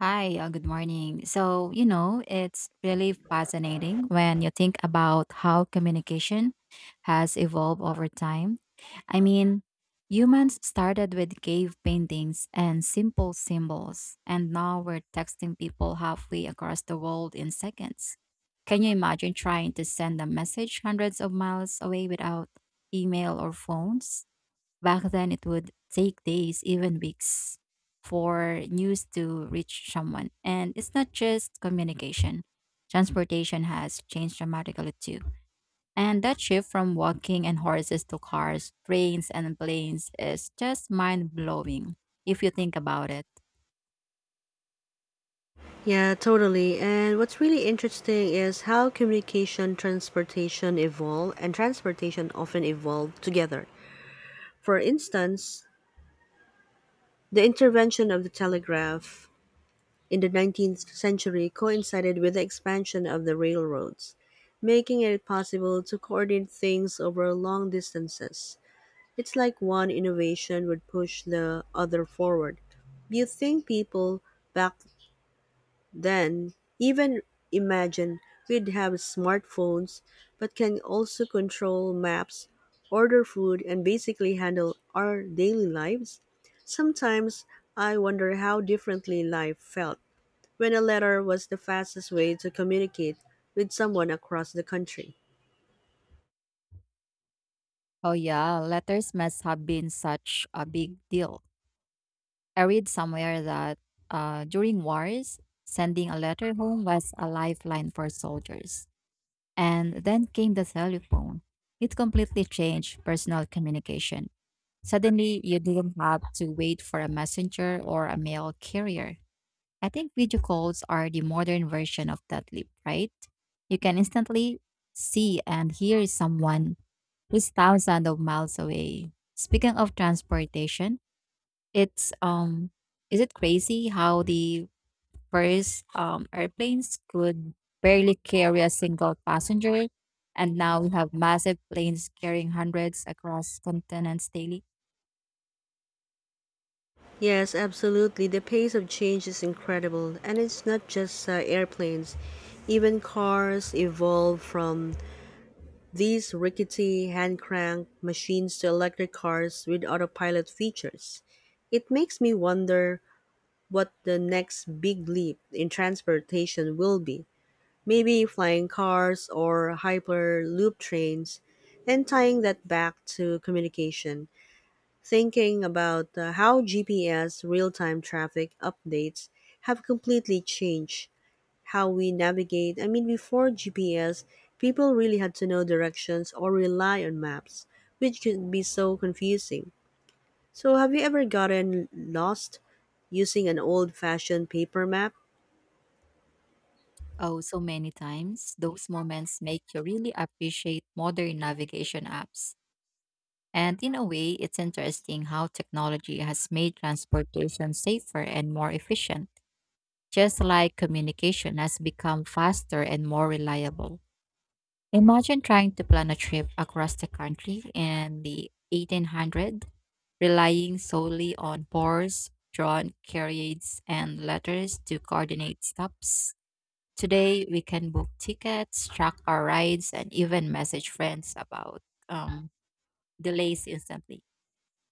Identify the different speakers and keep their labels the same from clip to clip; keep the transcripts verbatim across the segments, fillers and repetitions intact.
Speaker 1: Hi, uh, good morning. So, you know, it's really fascinating when you think about how communication has evolved over time. I mean, Humans started with cave paintings and simple symbols, and now we're texting people halfway across the world in seconds. Can you imagine trying to send a message hundreds of miles away without email or phones? Back then, it would take days, even weeks, for news to reach someone. And it's not just communication, transportation has changed dramatically too. And that shift from walking and horses to cars, trains, and planes is just mind blowing if you think about it.
Speaker 2: Yeah, totally. And what's really interesting is how communication, transportation evolve, and transportation often evolve together. For instance, the intervention of the telegraph in the nineteenth century coincided with the expansion of the railroads, making it possible to coordinate things over long distances. It's like one innovation would push the other forward. Do you think people back then, even imagine we'd have smartphones but can also control maps, order food, and basically handle our daily lives? Sometimes I wonder how differently life felt when a letter was the fastest way to communicate with someone across the country.
Speaker 1: Oh, yeah, letters must have been such a big deal. I read somewhere that uh, during wars, sending a letter home was a lifeline for soldiers. And then came the telephone. It completely changed personal communication. Suddenly, you didn't have to wait for a messenger or a mail carrier. I think video calls are the modern version of that leap, right? You can instantly see and hear someone who's thousands of miles away. Speaking of transportation, it's um is it crazy how the First, um, airplanes could barely carry a single passenger, and now we have massive planes carrying hundreds across continents daily.
Speaker 2: Yes, absolutely. The pace of change is incredible, and it's not just uh, airplanes. Even cars evolve from these rickety hand crank machines to electric cars with autopilot features. It makes me wonder what the next big leap in transportation will be. Maybe flying cars or hyperloop trains, and tying that back to communication thinking about uh, how G P S real time traffic updates have completely changed how we navigate. I mean, before G P S, people really had to know directions or rely on maps, which could be so confusing. So, have you ever gotten lost using an old fashioned paper map?
Speaker 1: Oh, so many times. Those moments make you really appreciate modern navigation apps. And in a way, it's interesting how technology has made transportation safer and more efficient, just like communication has become faster and more reliable. Imagine trying to plan a trip across the country in the eighteen hundreds, relying solely on bars, drawn carriages, and letters to coordinate stops. Today, we can book tickets, track our rides, and even message friends about um, delays instantly.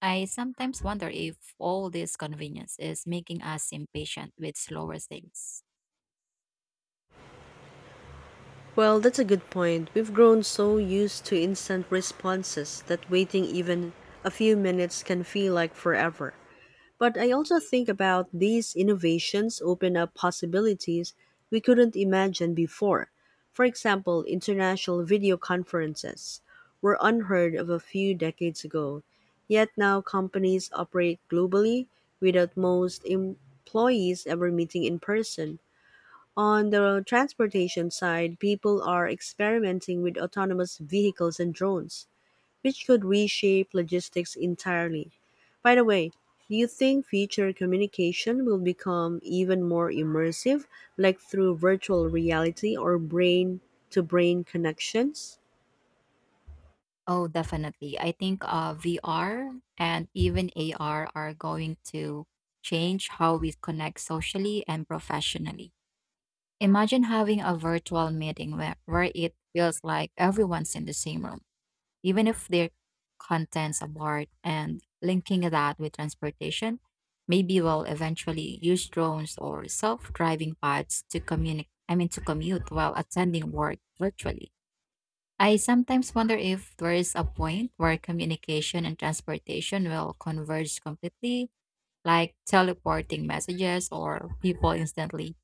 Speaker 1: I sometimes wonder if all this convenience is making us impatient with slower things.
Speaker 2: Well, that's a good point. We've grown so used to instant responses that waiting even a few minutes can feel like forever. But I also think about these innovations open up possibilities we couldn't imagine before. For example, international video conferences were unheard of a few decades ago, yet now companies operate globally without most employees ever meeting in person. On the transportation side, people are experimenting with autonomous vehicles and drones which could reshape logistics entirely. By the way, do you think future communication will become even more immersive, like through virtual reality or brain to brain connections?
Speaker 1: Oh, definitely. I think uh, V R and even A R are going to change how we connect socially and professionally. Imagine having a virtual meeting where, where it feels like everyone's in the same room, even if their contents apart, and linking that with transportation. Maybe we'll eventually use drones or self-driving pods to communicate. I mean, to commute while attending work virtually. I sometimes wonder if there is a point where communication and transportation will converge completely, like teleporting messages or people instantly.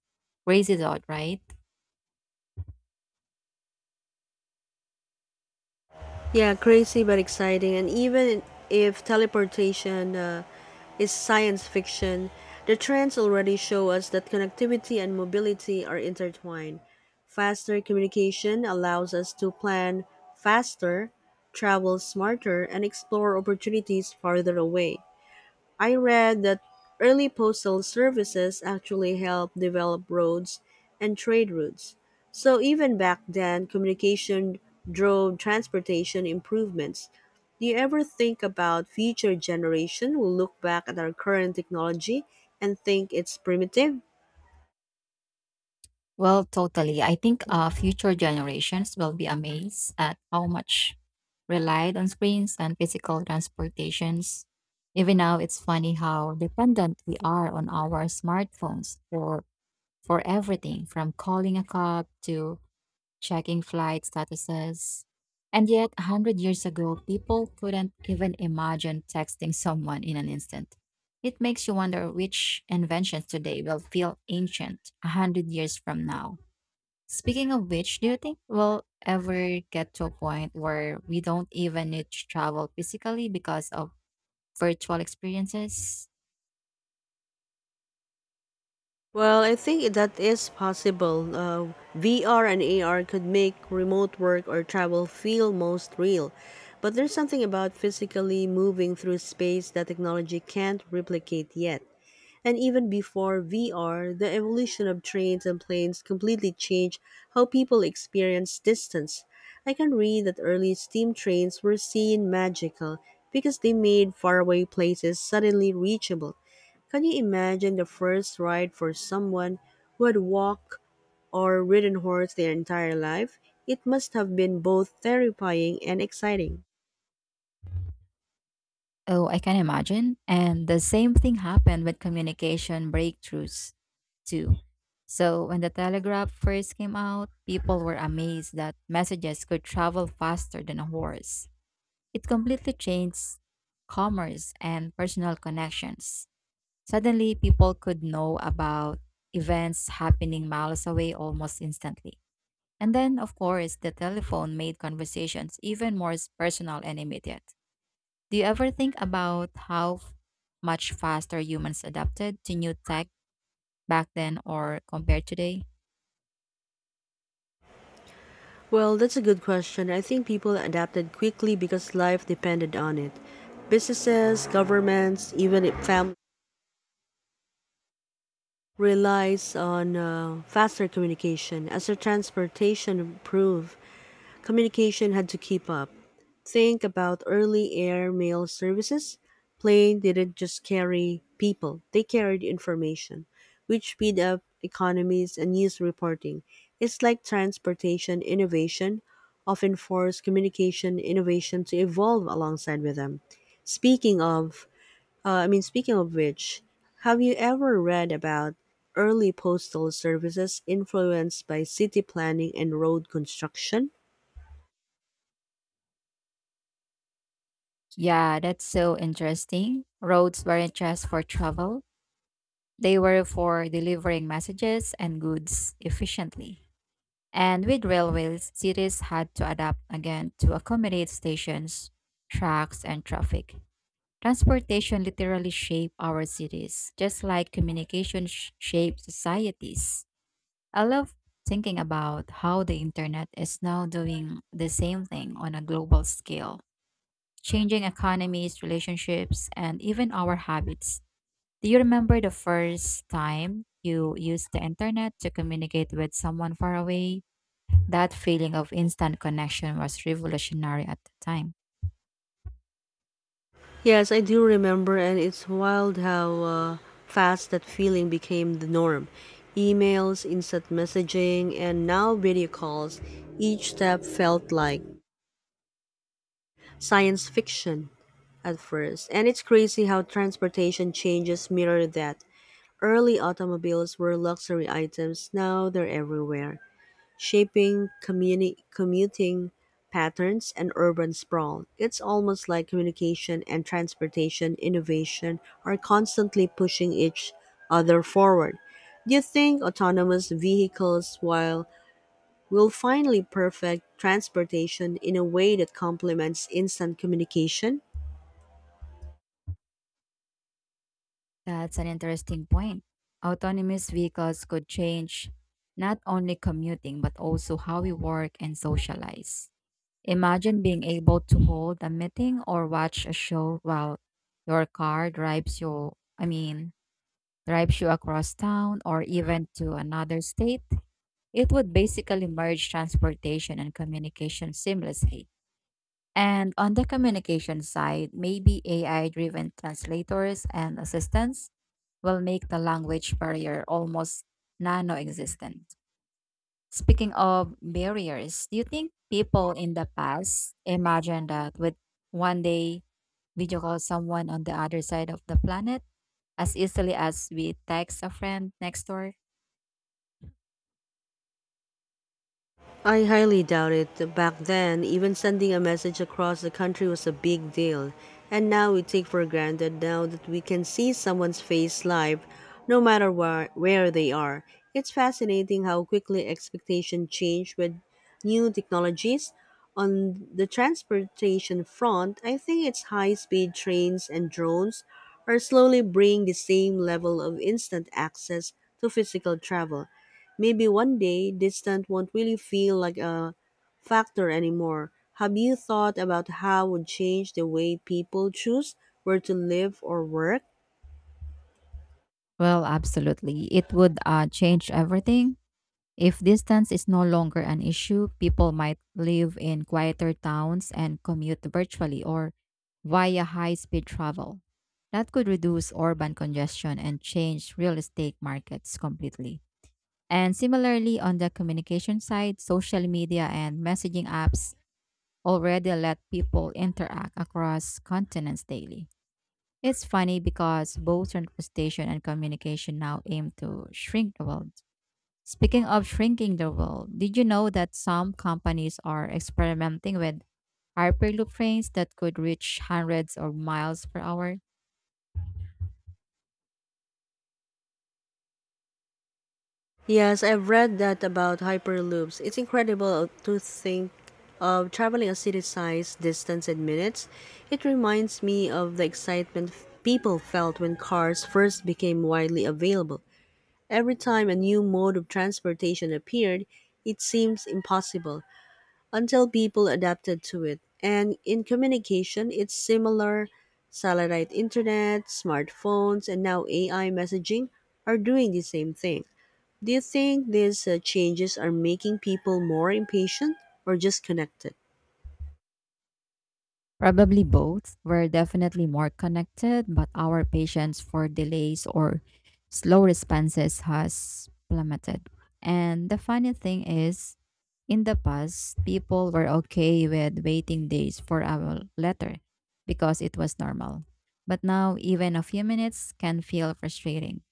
Speaker 1: Crazy, out, right?
Speaker 2: Yeah, crazy but exciting. And even if teleportation uh, is science fiction, the trends already show us that connectivity and mobility are intertwined. Faster communication allows us to plan faster, travel smarter, and explore opportunities farther away. I read that early postal services actually helped develop roads and trade routes. So even back then, communication drove transportation improvements. Do you ever think about future generation will look back at our current technology and think it's primitive?
Speaker 1: Well, totally. I think uh, future generations will be amazed at how much relied on screens and physical transportations. Even now, it's funny how dependent we are on our smartphones for for everything from calling a cab to checking flight statuses. And yet, a 100 years ago, people couldn't even imagine texting someone in an instant. It makes you wonder which inventions today will feel ancient a 100 years from now. Speaking of which, do you think we'll ever get to a point where we don't even need to travel physically because of virtual experiences?
Speaker 2: Well, I think that is possible. Uh, V R and A R could make remote work or travel feel most real. But there's something about physically moving through space that technology can't replicate yet. And even before V R, the evolution of trains and planes completely changed how people experience distance. I can read that early steam trains were seen magical because they made faraway places suddenly reachable. Can you imagine the first ride for someone who had walked or ridden horse their entire life? It must have been both terrifying and exciting.
Speaker 1: Oh, I can imagine. And the same thing happened with communication breakthroughs, too. So, when the telegraph first came out, people were amazed that messages could travel faster than a horse. It completely changed commerce and personal connections. Suddenly, people could know about events happening miles away almost instantly. And then, of course, the telephone made conversations even more personal and immediate. Do you ever think about how f- much faster humans adapted to new tech back then or compared today?
Speaker 2: Well, that's a good question. I think people adapted quickly because life depended on it. Businesses, governments, even if families relies on uh, faster communication. As the transportation improved, communication had to keep up. Think about early air mail services. Plane didn't just carry people, they carried information, which speed up economies and news reporting. It's like transportation innovation often forced communication innovation to evolve alongside with them. Speaking of, uh, I mean, Speaking of which, have you ever read about early postal services influenced by city planning and road construction?
Speaker 1: Yeah, that's so interesting. Roads weren't just for travel, they were for delivering messages and goods efficiently. And with railways, cities had to adapt again to accommodate stations, tracks, and traffic. Transportation literally shaped our cities, just like communication sh- shaped societies. I love thinking about how the internet is now doing the same thing on a global scale, changing economies, relationships, and even our habits. Do you remember the first time you used the internet to communicate with someone far away? That feeling of instant connection was revolutionary at the time.
Speaker 2: Yes, I do remember, and it's wild how uh, fast that feeling became the norm. Emails, instant messaging, and now video calls. Each step felt like science fiction at first. And it's crazy how transportation changes mirror that. Early automobiles were luxury items, now they're everywhere shaping communi- commuting patterns and urban sprawl. It's almost like communication and transportation innovation are constantly pushing each other forward. Do you think autonomous vehicles while will finally perfect transportation in a way that complements instant communication?
Speaker 1: That's an interesting point. Autonomous vehicles could change not only commuting but also how we work and socialize. Imagine being able to hold a meeting or watch a show while your car drives you, I mean, drives you across town or even to another state. It would basically merge transportation and communication seamlessly. And on the communication side, maybe A I driven translators and assistants will make the language barrier almost nano existent. Speaking of barriers, do you think people in the past imagined that would one day video call someone on the other side of the planet as easily as we text a friend next door?
Speaker 2: I highly doubt it. Back then, even sending a message across the country was a big deal. And now we take for granted now that we can see someone's face live, no matter where, where they are. It's fascinating how quickly expectations change with new technologies. On the transportation front, I think it's high-speed trains and drones are slowly bringing the same level of instant access to physical travel. Maybe one day distance won't really feel like a factor anymore. Have you thought about how would change the way people choose where to live or work?
Speaker 1: Well, absolutely. It would uh, change everything. If distance is no longer an issue, people might live in quieter towns and commute virtually or via high speed travel. That could reduce urban congestion and change real estate markets completely. And similarly, on the communication side, social media and messaging apps already let people interact across continents daily. It's funny because both representation and communication now aim to shrink the world. Speaking of shrinking the world, did you know that some companies are experimenting with hyperloop trains that could reach hundreds of miles per hour?
Speaker 2: Yes, I've read that about hyperloops. It's incredible to think of traveling a city size distance in minutes. It reminds me of the excitement people felt when cars first became widely available. Every time a new mode of transportation appeared, it seems impossible until people adapted to it. And in communication, it's similar. Satellite internet, smartphones, and now A I messaging are doing the same thing. Do you think these uh, changes are making people more impatient or just connected?
Speaker 1: Probably both. We're definitely more connected, but our patience for delays or slow responses has plummeted. And the funny thing is, in the past, people were okay with waiting days for a letter because it was normal. But now, even a few minutes can feel frustrating.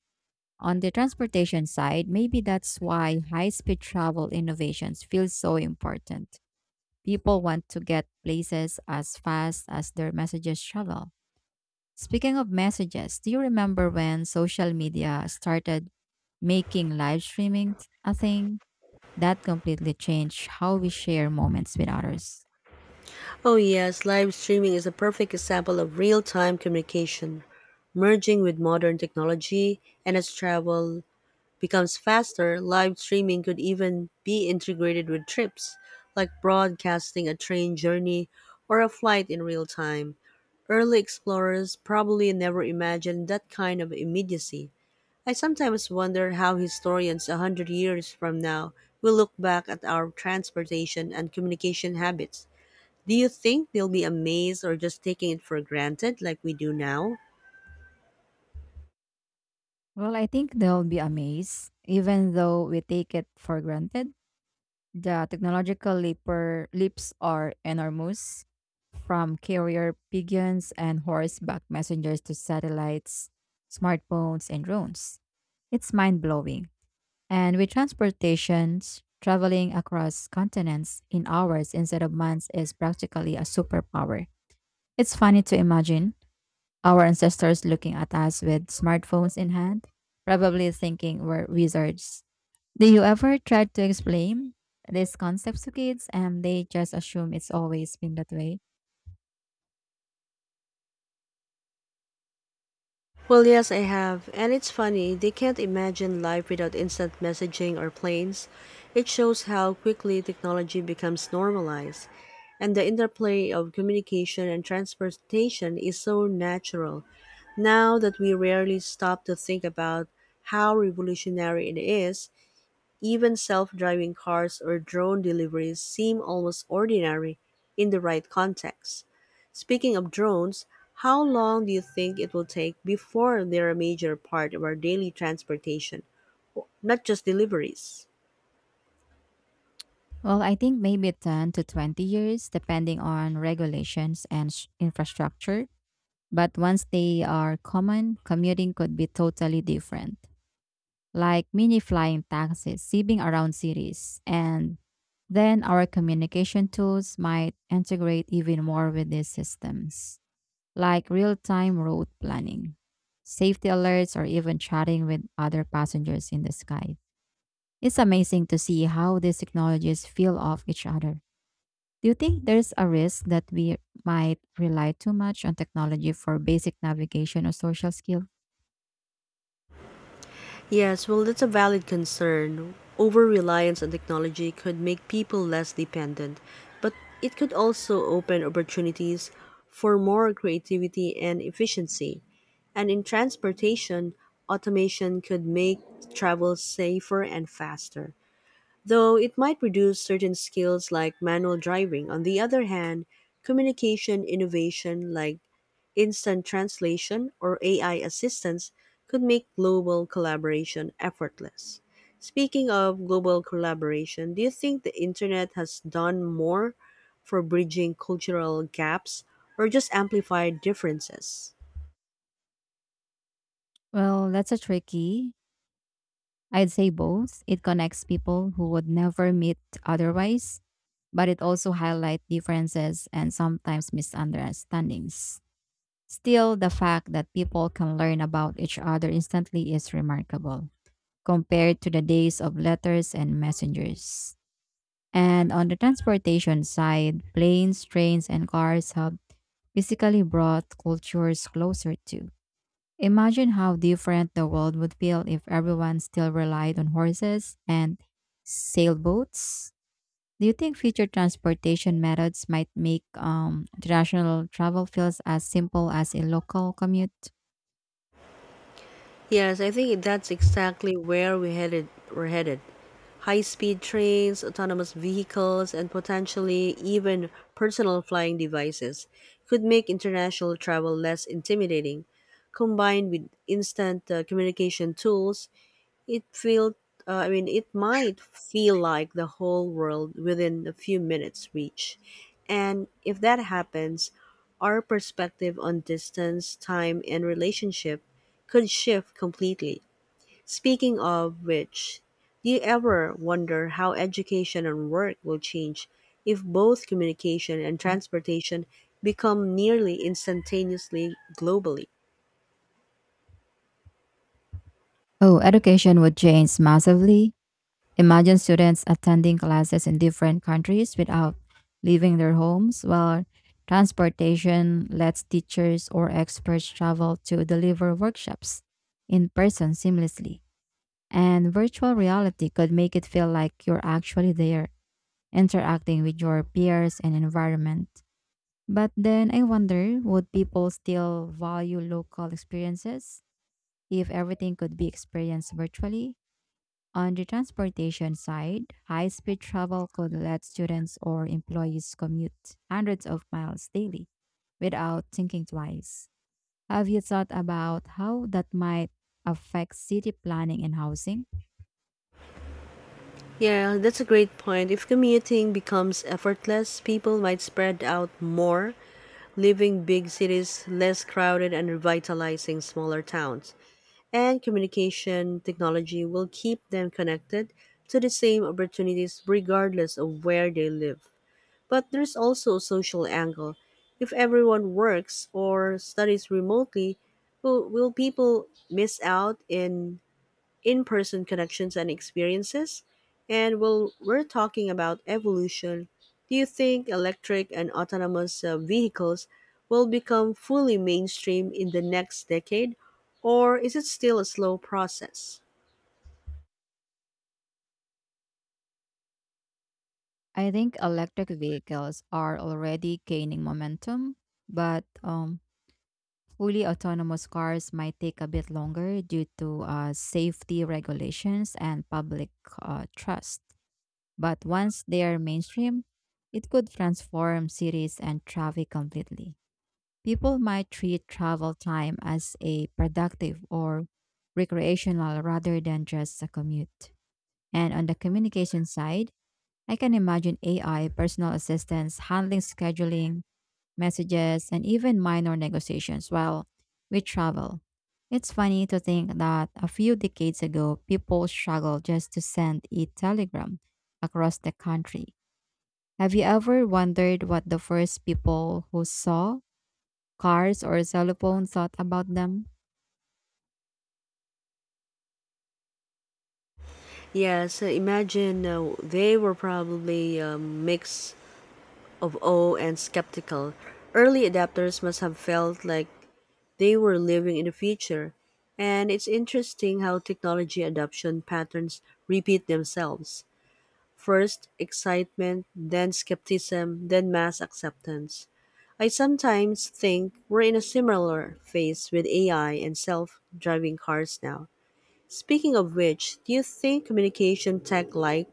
Speaker 1: On the transportation side, maybe that's why high speed travel innovations feel so important. People want to get places as fast as their messages travel. Speaking of messages, do you remember when social media started making live streaming a thing? That completely changed how we share moments with others.
Speaker 2: Oh, yes, live streaming is a perfect example of real time communication, merging with modern technology. And as travel becomes faster, live streaming could even be integrated with trips, like broadcasting a train journey or a flight in real time. Early explorers probably never imagined that kind of immediacy. I sometimes wonder how historians a hundred years from now will look back at our transportation and communication habits. Do you think they'll be amazed or just taking it for granted like we do now?
Speaker 1: Well, I think they'll be amazed, even though we take it for granted. The technological leaper, leaps are enormous, from carrier pigeons and horseback messengers to satellites, smartphones, and drones. It's mind blowing. And with transportations, traveling across continents in hours instead of months is practically a superpower. It's funny to imagine our ancestors looking at us with smartphones in hand, probably thinking we're wizards. Do you ever try to explain these concepts to kids and they just assume it's always been that way?
Speaker 2: Well, yes, I have. And it's funny, they can't imagine life without instant messaging or planes. It shows how quickly technology becomes normalized. And the interplay of communication and transportation is so natural now that we rarely stop to think about how revolutionary it is. Even self-driving cars or drone deliveries seem almost ordinary in the right context. Speaking of drones, how long do you think it will take before they're a major part of our daily transportation, not just deliveries?
Speaker 1: Well, I think maybe ten to twenty years, depending on regulations and s- infrastructure. But once they are common, commuting could be totally different, like mini flying taxis zipping around cities. And then our communication tools might integrate even more with these systems, like real time road planning, safety alerts, or even chatting with other passengers in the sky. It's amazing to see how these technologies feel off each other. Do you think there's a risk that we might rely too much on technology for basic navigation or social skills?
Speaker 2: Yes, well, that's a valid concern. Over reliance on technology could make people less dependent, but it could also open opportunities for more creativity and efficiency. And in transportation, automation could make travel safer and faster, though it might reduce certain skills like manual driving. On the other hand, communication innovation like instant translation or A I assistance could make global collaboration effortless. Speaking of global collaboration, do you think the internet has done more for bridging cultural gaps or just amplified differences?
Speaker 1: Well, that's a tricky. I'd say both. It connects people who would never meet otherwise, but it also highlights differences and sometimes misunderstandings. Still, the fact that people can learn about each other instantly is remarkable compared to the days of letters and messengers. And on the transportation side, planes, trains, and cars have physically brought cultures closer too. Imagine how different the world would feel if everyone still relied on horses and sailboats. Do you think future transportation methods might make um, international travel feels as simple as a local commute?
Speaker 2: Yes, I think that's exactly where we headed we're headed. High-speed trains, autonomous vehicles, and potentially even personal flying devices could make international travel less intimidating. Combined with instant uh, communication tools, it felt uh, I mean it might feel like the whole world within a few minutes reach. And if that happens, our perspective on distance, time and relationship could shift completely. Speaking of which, do you ever wonder how education and work will change if both communication and transportation become nearly instantaneously globally?
Speaker 1: Oh, education would change massively. Imagine students attending classes in different countries without leaving their homes, while transportation lets teachers or experts travel to deliver workshops in person seamlessly. And virtual reality could make it feel like you're actually there, interacting with your peers and environment. But then I wonder would people still value local experiences if everything could be experienced virtually? On the transportation side, high speed travel could let students or employees commute hundreds of miles daily without thinking twice. Have you thought about how that might affect city planning and housing?
Speaker 2: Yeah, that's a great point. If commuting becomes effortless, people might spread out more, leaving big cities less crowded and revitalizing smaller towns. And communication technology will keep them connected to the same opportunities regardless of where they live. But there's also a social angle. If everyone works or studies remotely, will, will people miss out in in-person connections and experiences? And while we're talking about evolution, do you think electric and autonomous uh, vehicles will become fully mainstream in the next decade, or is it still a slow process?
Speaker 1: I think electric vehicles are already gaining momentum, but um, fully autonomous cars might take a bit longer due to uh, safety regulations and public uh, trust. But once they are mainstream, it could transform cities and traffic completely. People might treat travel time as a productive or recreational rather than just a commute. And on the communication side, I can imagine A I, personal assistants, handling scheduling, messages, and even minor negotiations while we travel. It's funny to think that a few decades ago, people struggled just to send a telegram across the country. Have you ever wondered what the first people who saw cars or cell phones thought about them?
Speaker 2: Yes, uh, imagine uh, they were probably a mix of awe and skeptical. Early adapters must have felt like they were living in the future, and it's interesting how technology adoption patterns repeat themselves. First excitement, then skepticism, then mass acceptance. I sometimes think we're in a similar phase with A I and self driving cars now. Speaking of which, do you think communication tech like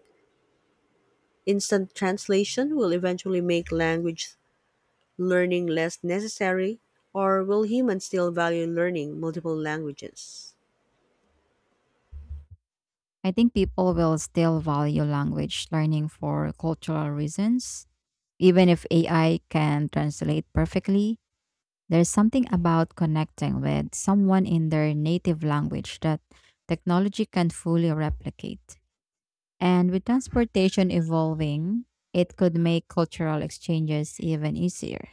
Speaker 2: instant translation will eventually make language learning less necessary, or will humans still value learning multiple languages?
Speaker 1: I think people will still value language learning for cultural reasons, even if A I can translate perfectly. There's something about connecting with someone in their native language that technology can fully replicate. And with transportation evolving, it could make cultural exchanges even easier.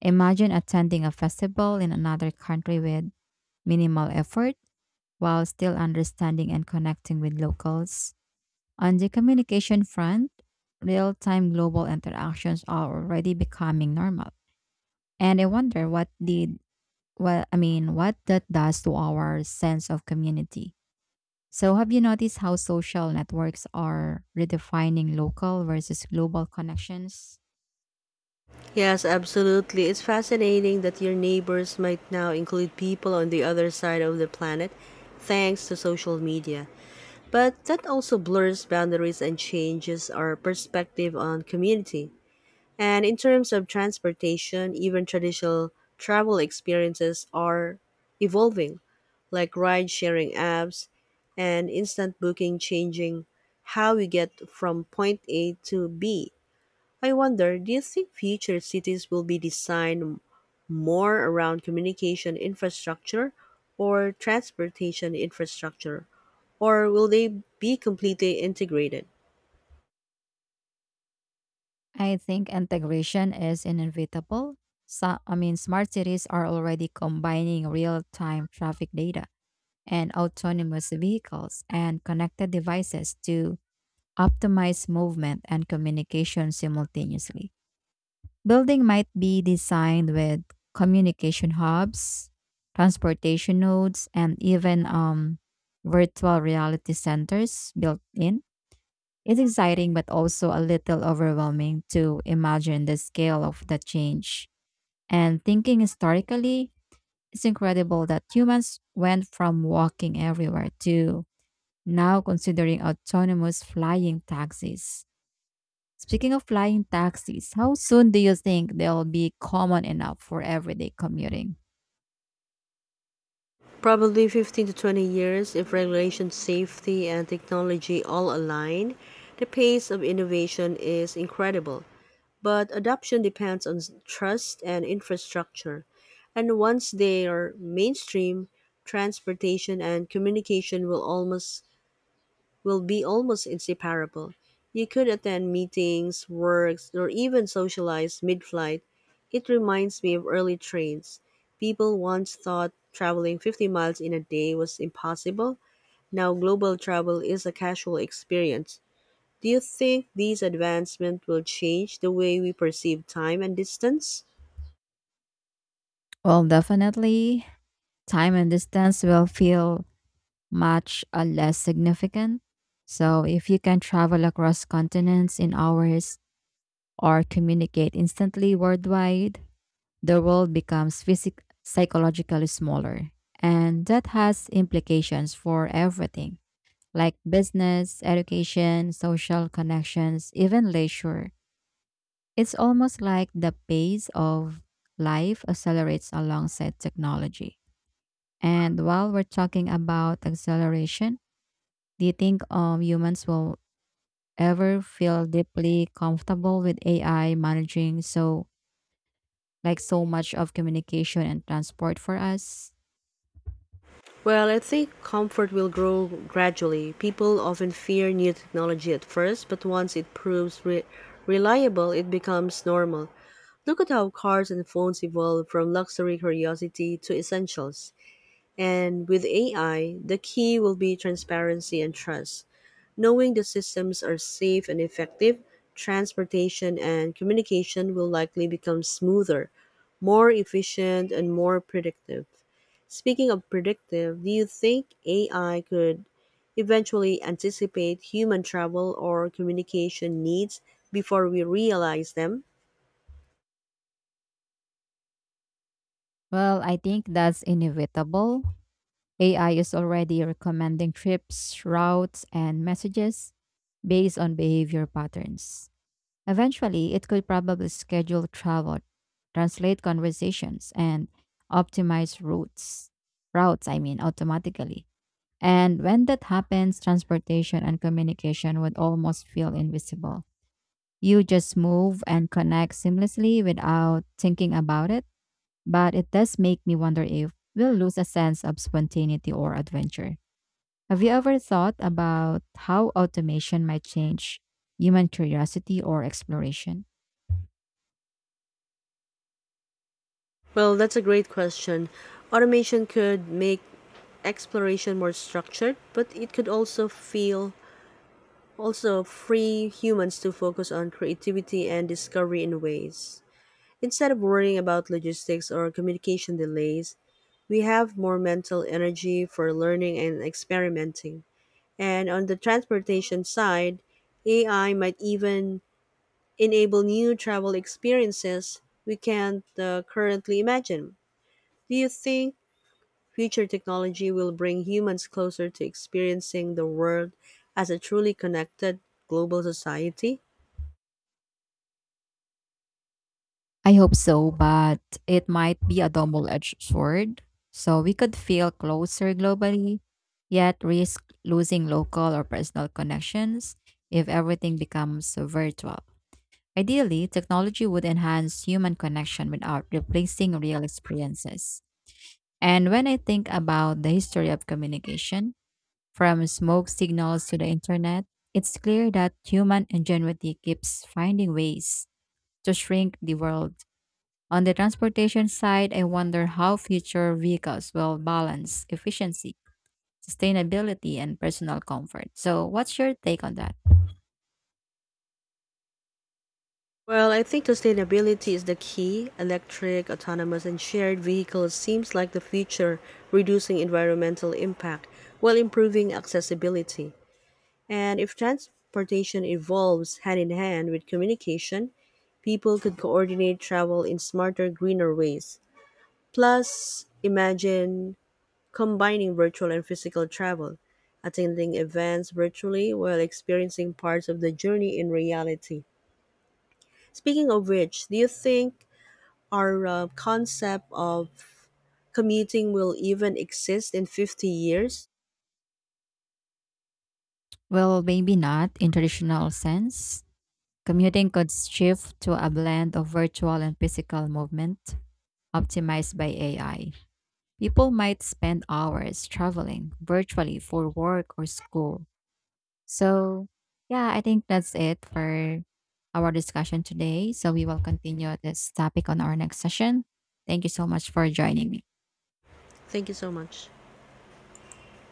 Speaker 1: Imagine attending a festival in another country with minimal effort while still understanding and connecting with locals. On the communication front, real time global interactions are already becoming normal. And I wonder what did well, I mean, what that does to our sense of community. So, have you noticed how social networks are redefining local versus global connections?
Speaker 2: Yes, absolutely. It's fascinating that your neighbors might now include people on the other side of the planet thanks to social media. But that also blurs boundaries and changes our perspective on community. And in terms of transportation, even traditional travel experiences are evolving, like ride sharing apps and instant booking changing how we get from point A to B. I wonder, do you think future cities will be designed more around communication infrastructure or transportation infrastructure, or will they be completely integrated?
Speaker 1: I think integration is inevitable. So, I mean, smart cities are already combining real time traffic data and autonomous vehicles and connected devices to optimize movement and communication simultaneously. Building might be designed with communication hubs, transportation nodes, and even um, virtual reality centers built in. It's exciting, but also a little overwhelming to imagine the scale of the change. And thinking historically, it's incredible that humans went from walking everywhere to now considering autonomous flying taxis. Speaking of flying taxis, how soon do you think they'll be common enough for everyday commuting?
Speaker 2: Probably fifteen to twenty years if regulation, safety, and technology all align. The pace of innovation is incredible, but adoption depends on trust and infrastructure. And once they are mainstream, transportation and communication will almost will be almost inseparable. You could attend meetings, works, or even socialize mid flight. It reminds me of early trains. People once thought traveling fifty miles in a day was impossible. Now, global travel is a casual experience. Do you think these advancements will change the way we perceive time and distance?
Speaker 1: Well, definitely, time and distance will feel much uh, less significant. So, if you can travel across continents in hours or communicate instantly worldwide, the world becomes physic- psychologically smaller. And that has implications for everything like business, education, social connections, even leisure. It's almost like the pace of life accelerates alongside technology. And while we're talking about acceleration, do you think um, humans will ever feel deeply comfortable with A I managing so like so much of communication and transport for us?
Speaker 2: Well, I think comfort will grow gradually. People often fear new technology at first, but once it proves re- reliable, it becomes normal. Look at how cars and phones evolve from luxury curiosity to essentials. And with A I, the key will be transparency and trust. Knowing the systems are safe and effective, transportation and communication will likely become smoother, more efficient, and more predictive. Speaking of predictive, do you think A I could eventually anticipate human travel or communication needs before we realize them?
Speaker 1: Well, I think that's inevitable. A I is already recommending trips, routes, and messages based on behavior patterns. Eventually, it could probably schedule travel, translate conversations, and optimize routes. Routes, I mean, automatically. And when that happens, transportation and communication would almost feel invisible. You just move and connect seamlessly without thinking about it. But it does make me wonder if we'll lose a sense of spontaneity or adventure. Have you ever thought about how automation might change human curiosity or exploration?
Speaker 2: Well, that's a great question. Automation could make exploration more structured, but it could also feel also free humans to focus on creativity and discovery in ways. Instead of worrying about logistics or communication delays, we have more mental energy for learning and experimenting. And on the transportation side, A I might even enable new travel experiences we can't uh, currently imagine. Do you think future technology will bring humans closer to experiencing the world as a truly connected global society?
Speaker 1: I hope so, but it might be a double edged sword. So we could feel closer globally, yet risk losing local or personal connections if everything becomes virtual. Ideally, technology would enhance human connection without replacing real experiences. And when I think about the history of communication, from smoke signals to the internet, it's clear that human ingenuity keeps finding ways to shrink the world. On the transportation side, I wonder how future vehicles will balance efficiency, sustainability, and personal comfort. So, what's your take on that?
Speaker 2: Well, I think sustainability is the key. Electric, autonomous, and shared vehicles seems like the future, reducing environmental impact while improving accessibility. And if transportation evolves hand in hand with communication, people could coordinate travel in smarter, greener ways. Plus, imagine combining virtual and physical travel, attending events virtually while experiencing parts of the journey in reality. Speaking of which, do you think our uh, concept of commuting will even exist in fifty years?
Speaker 1: Well, maybe not in traditional sense. Commuting could shift to a blend of virtual and physical movement optimized by A I. People might spend hours traveling virtually for work or school. So, yeah, I think that's it for our discussion today. So, we will continue this topic on our next session. Thank you so much for joining me.
Speaker 2: Thank you so much.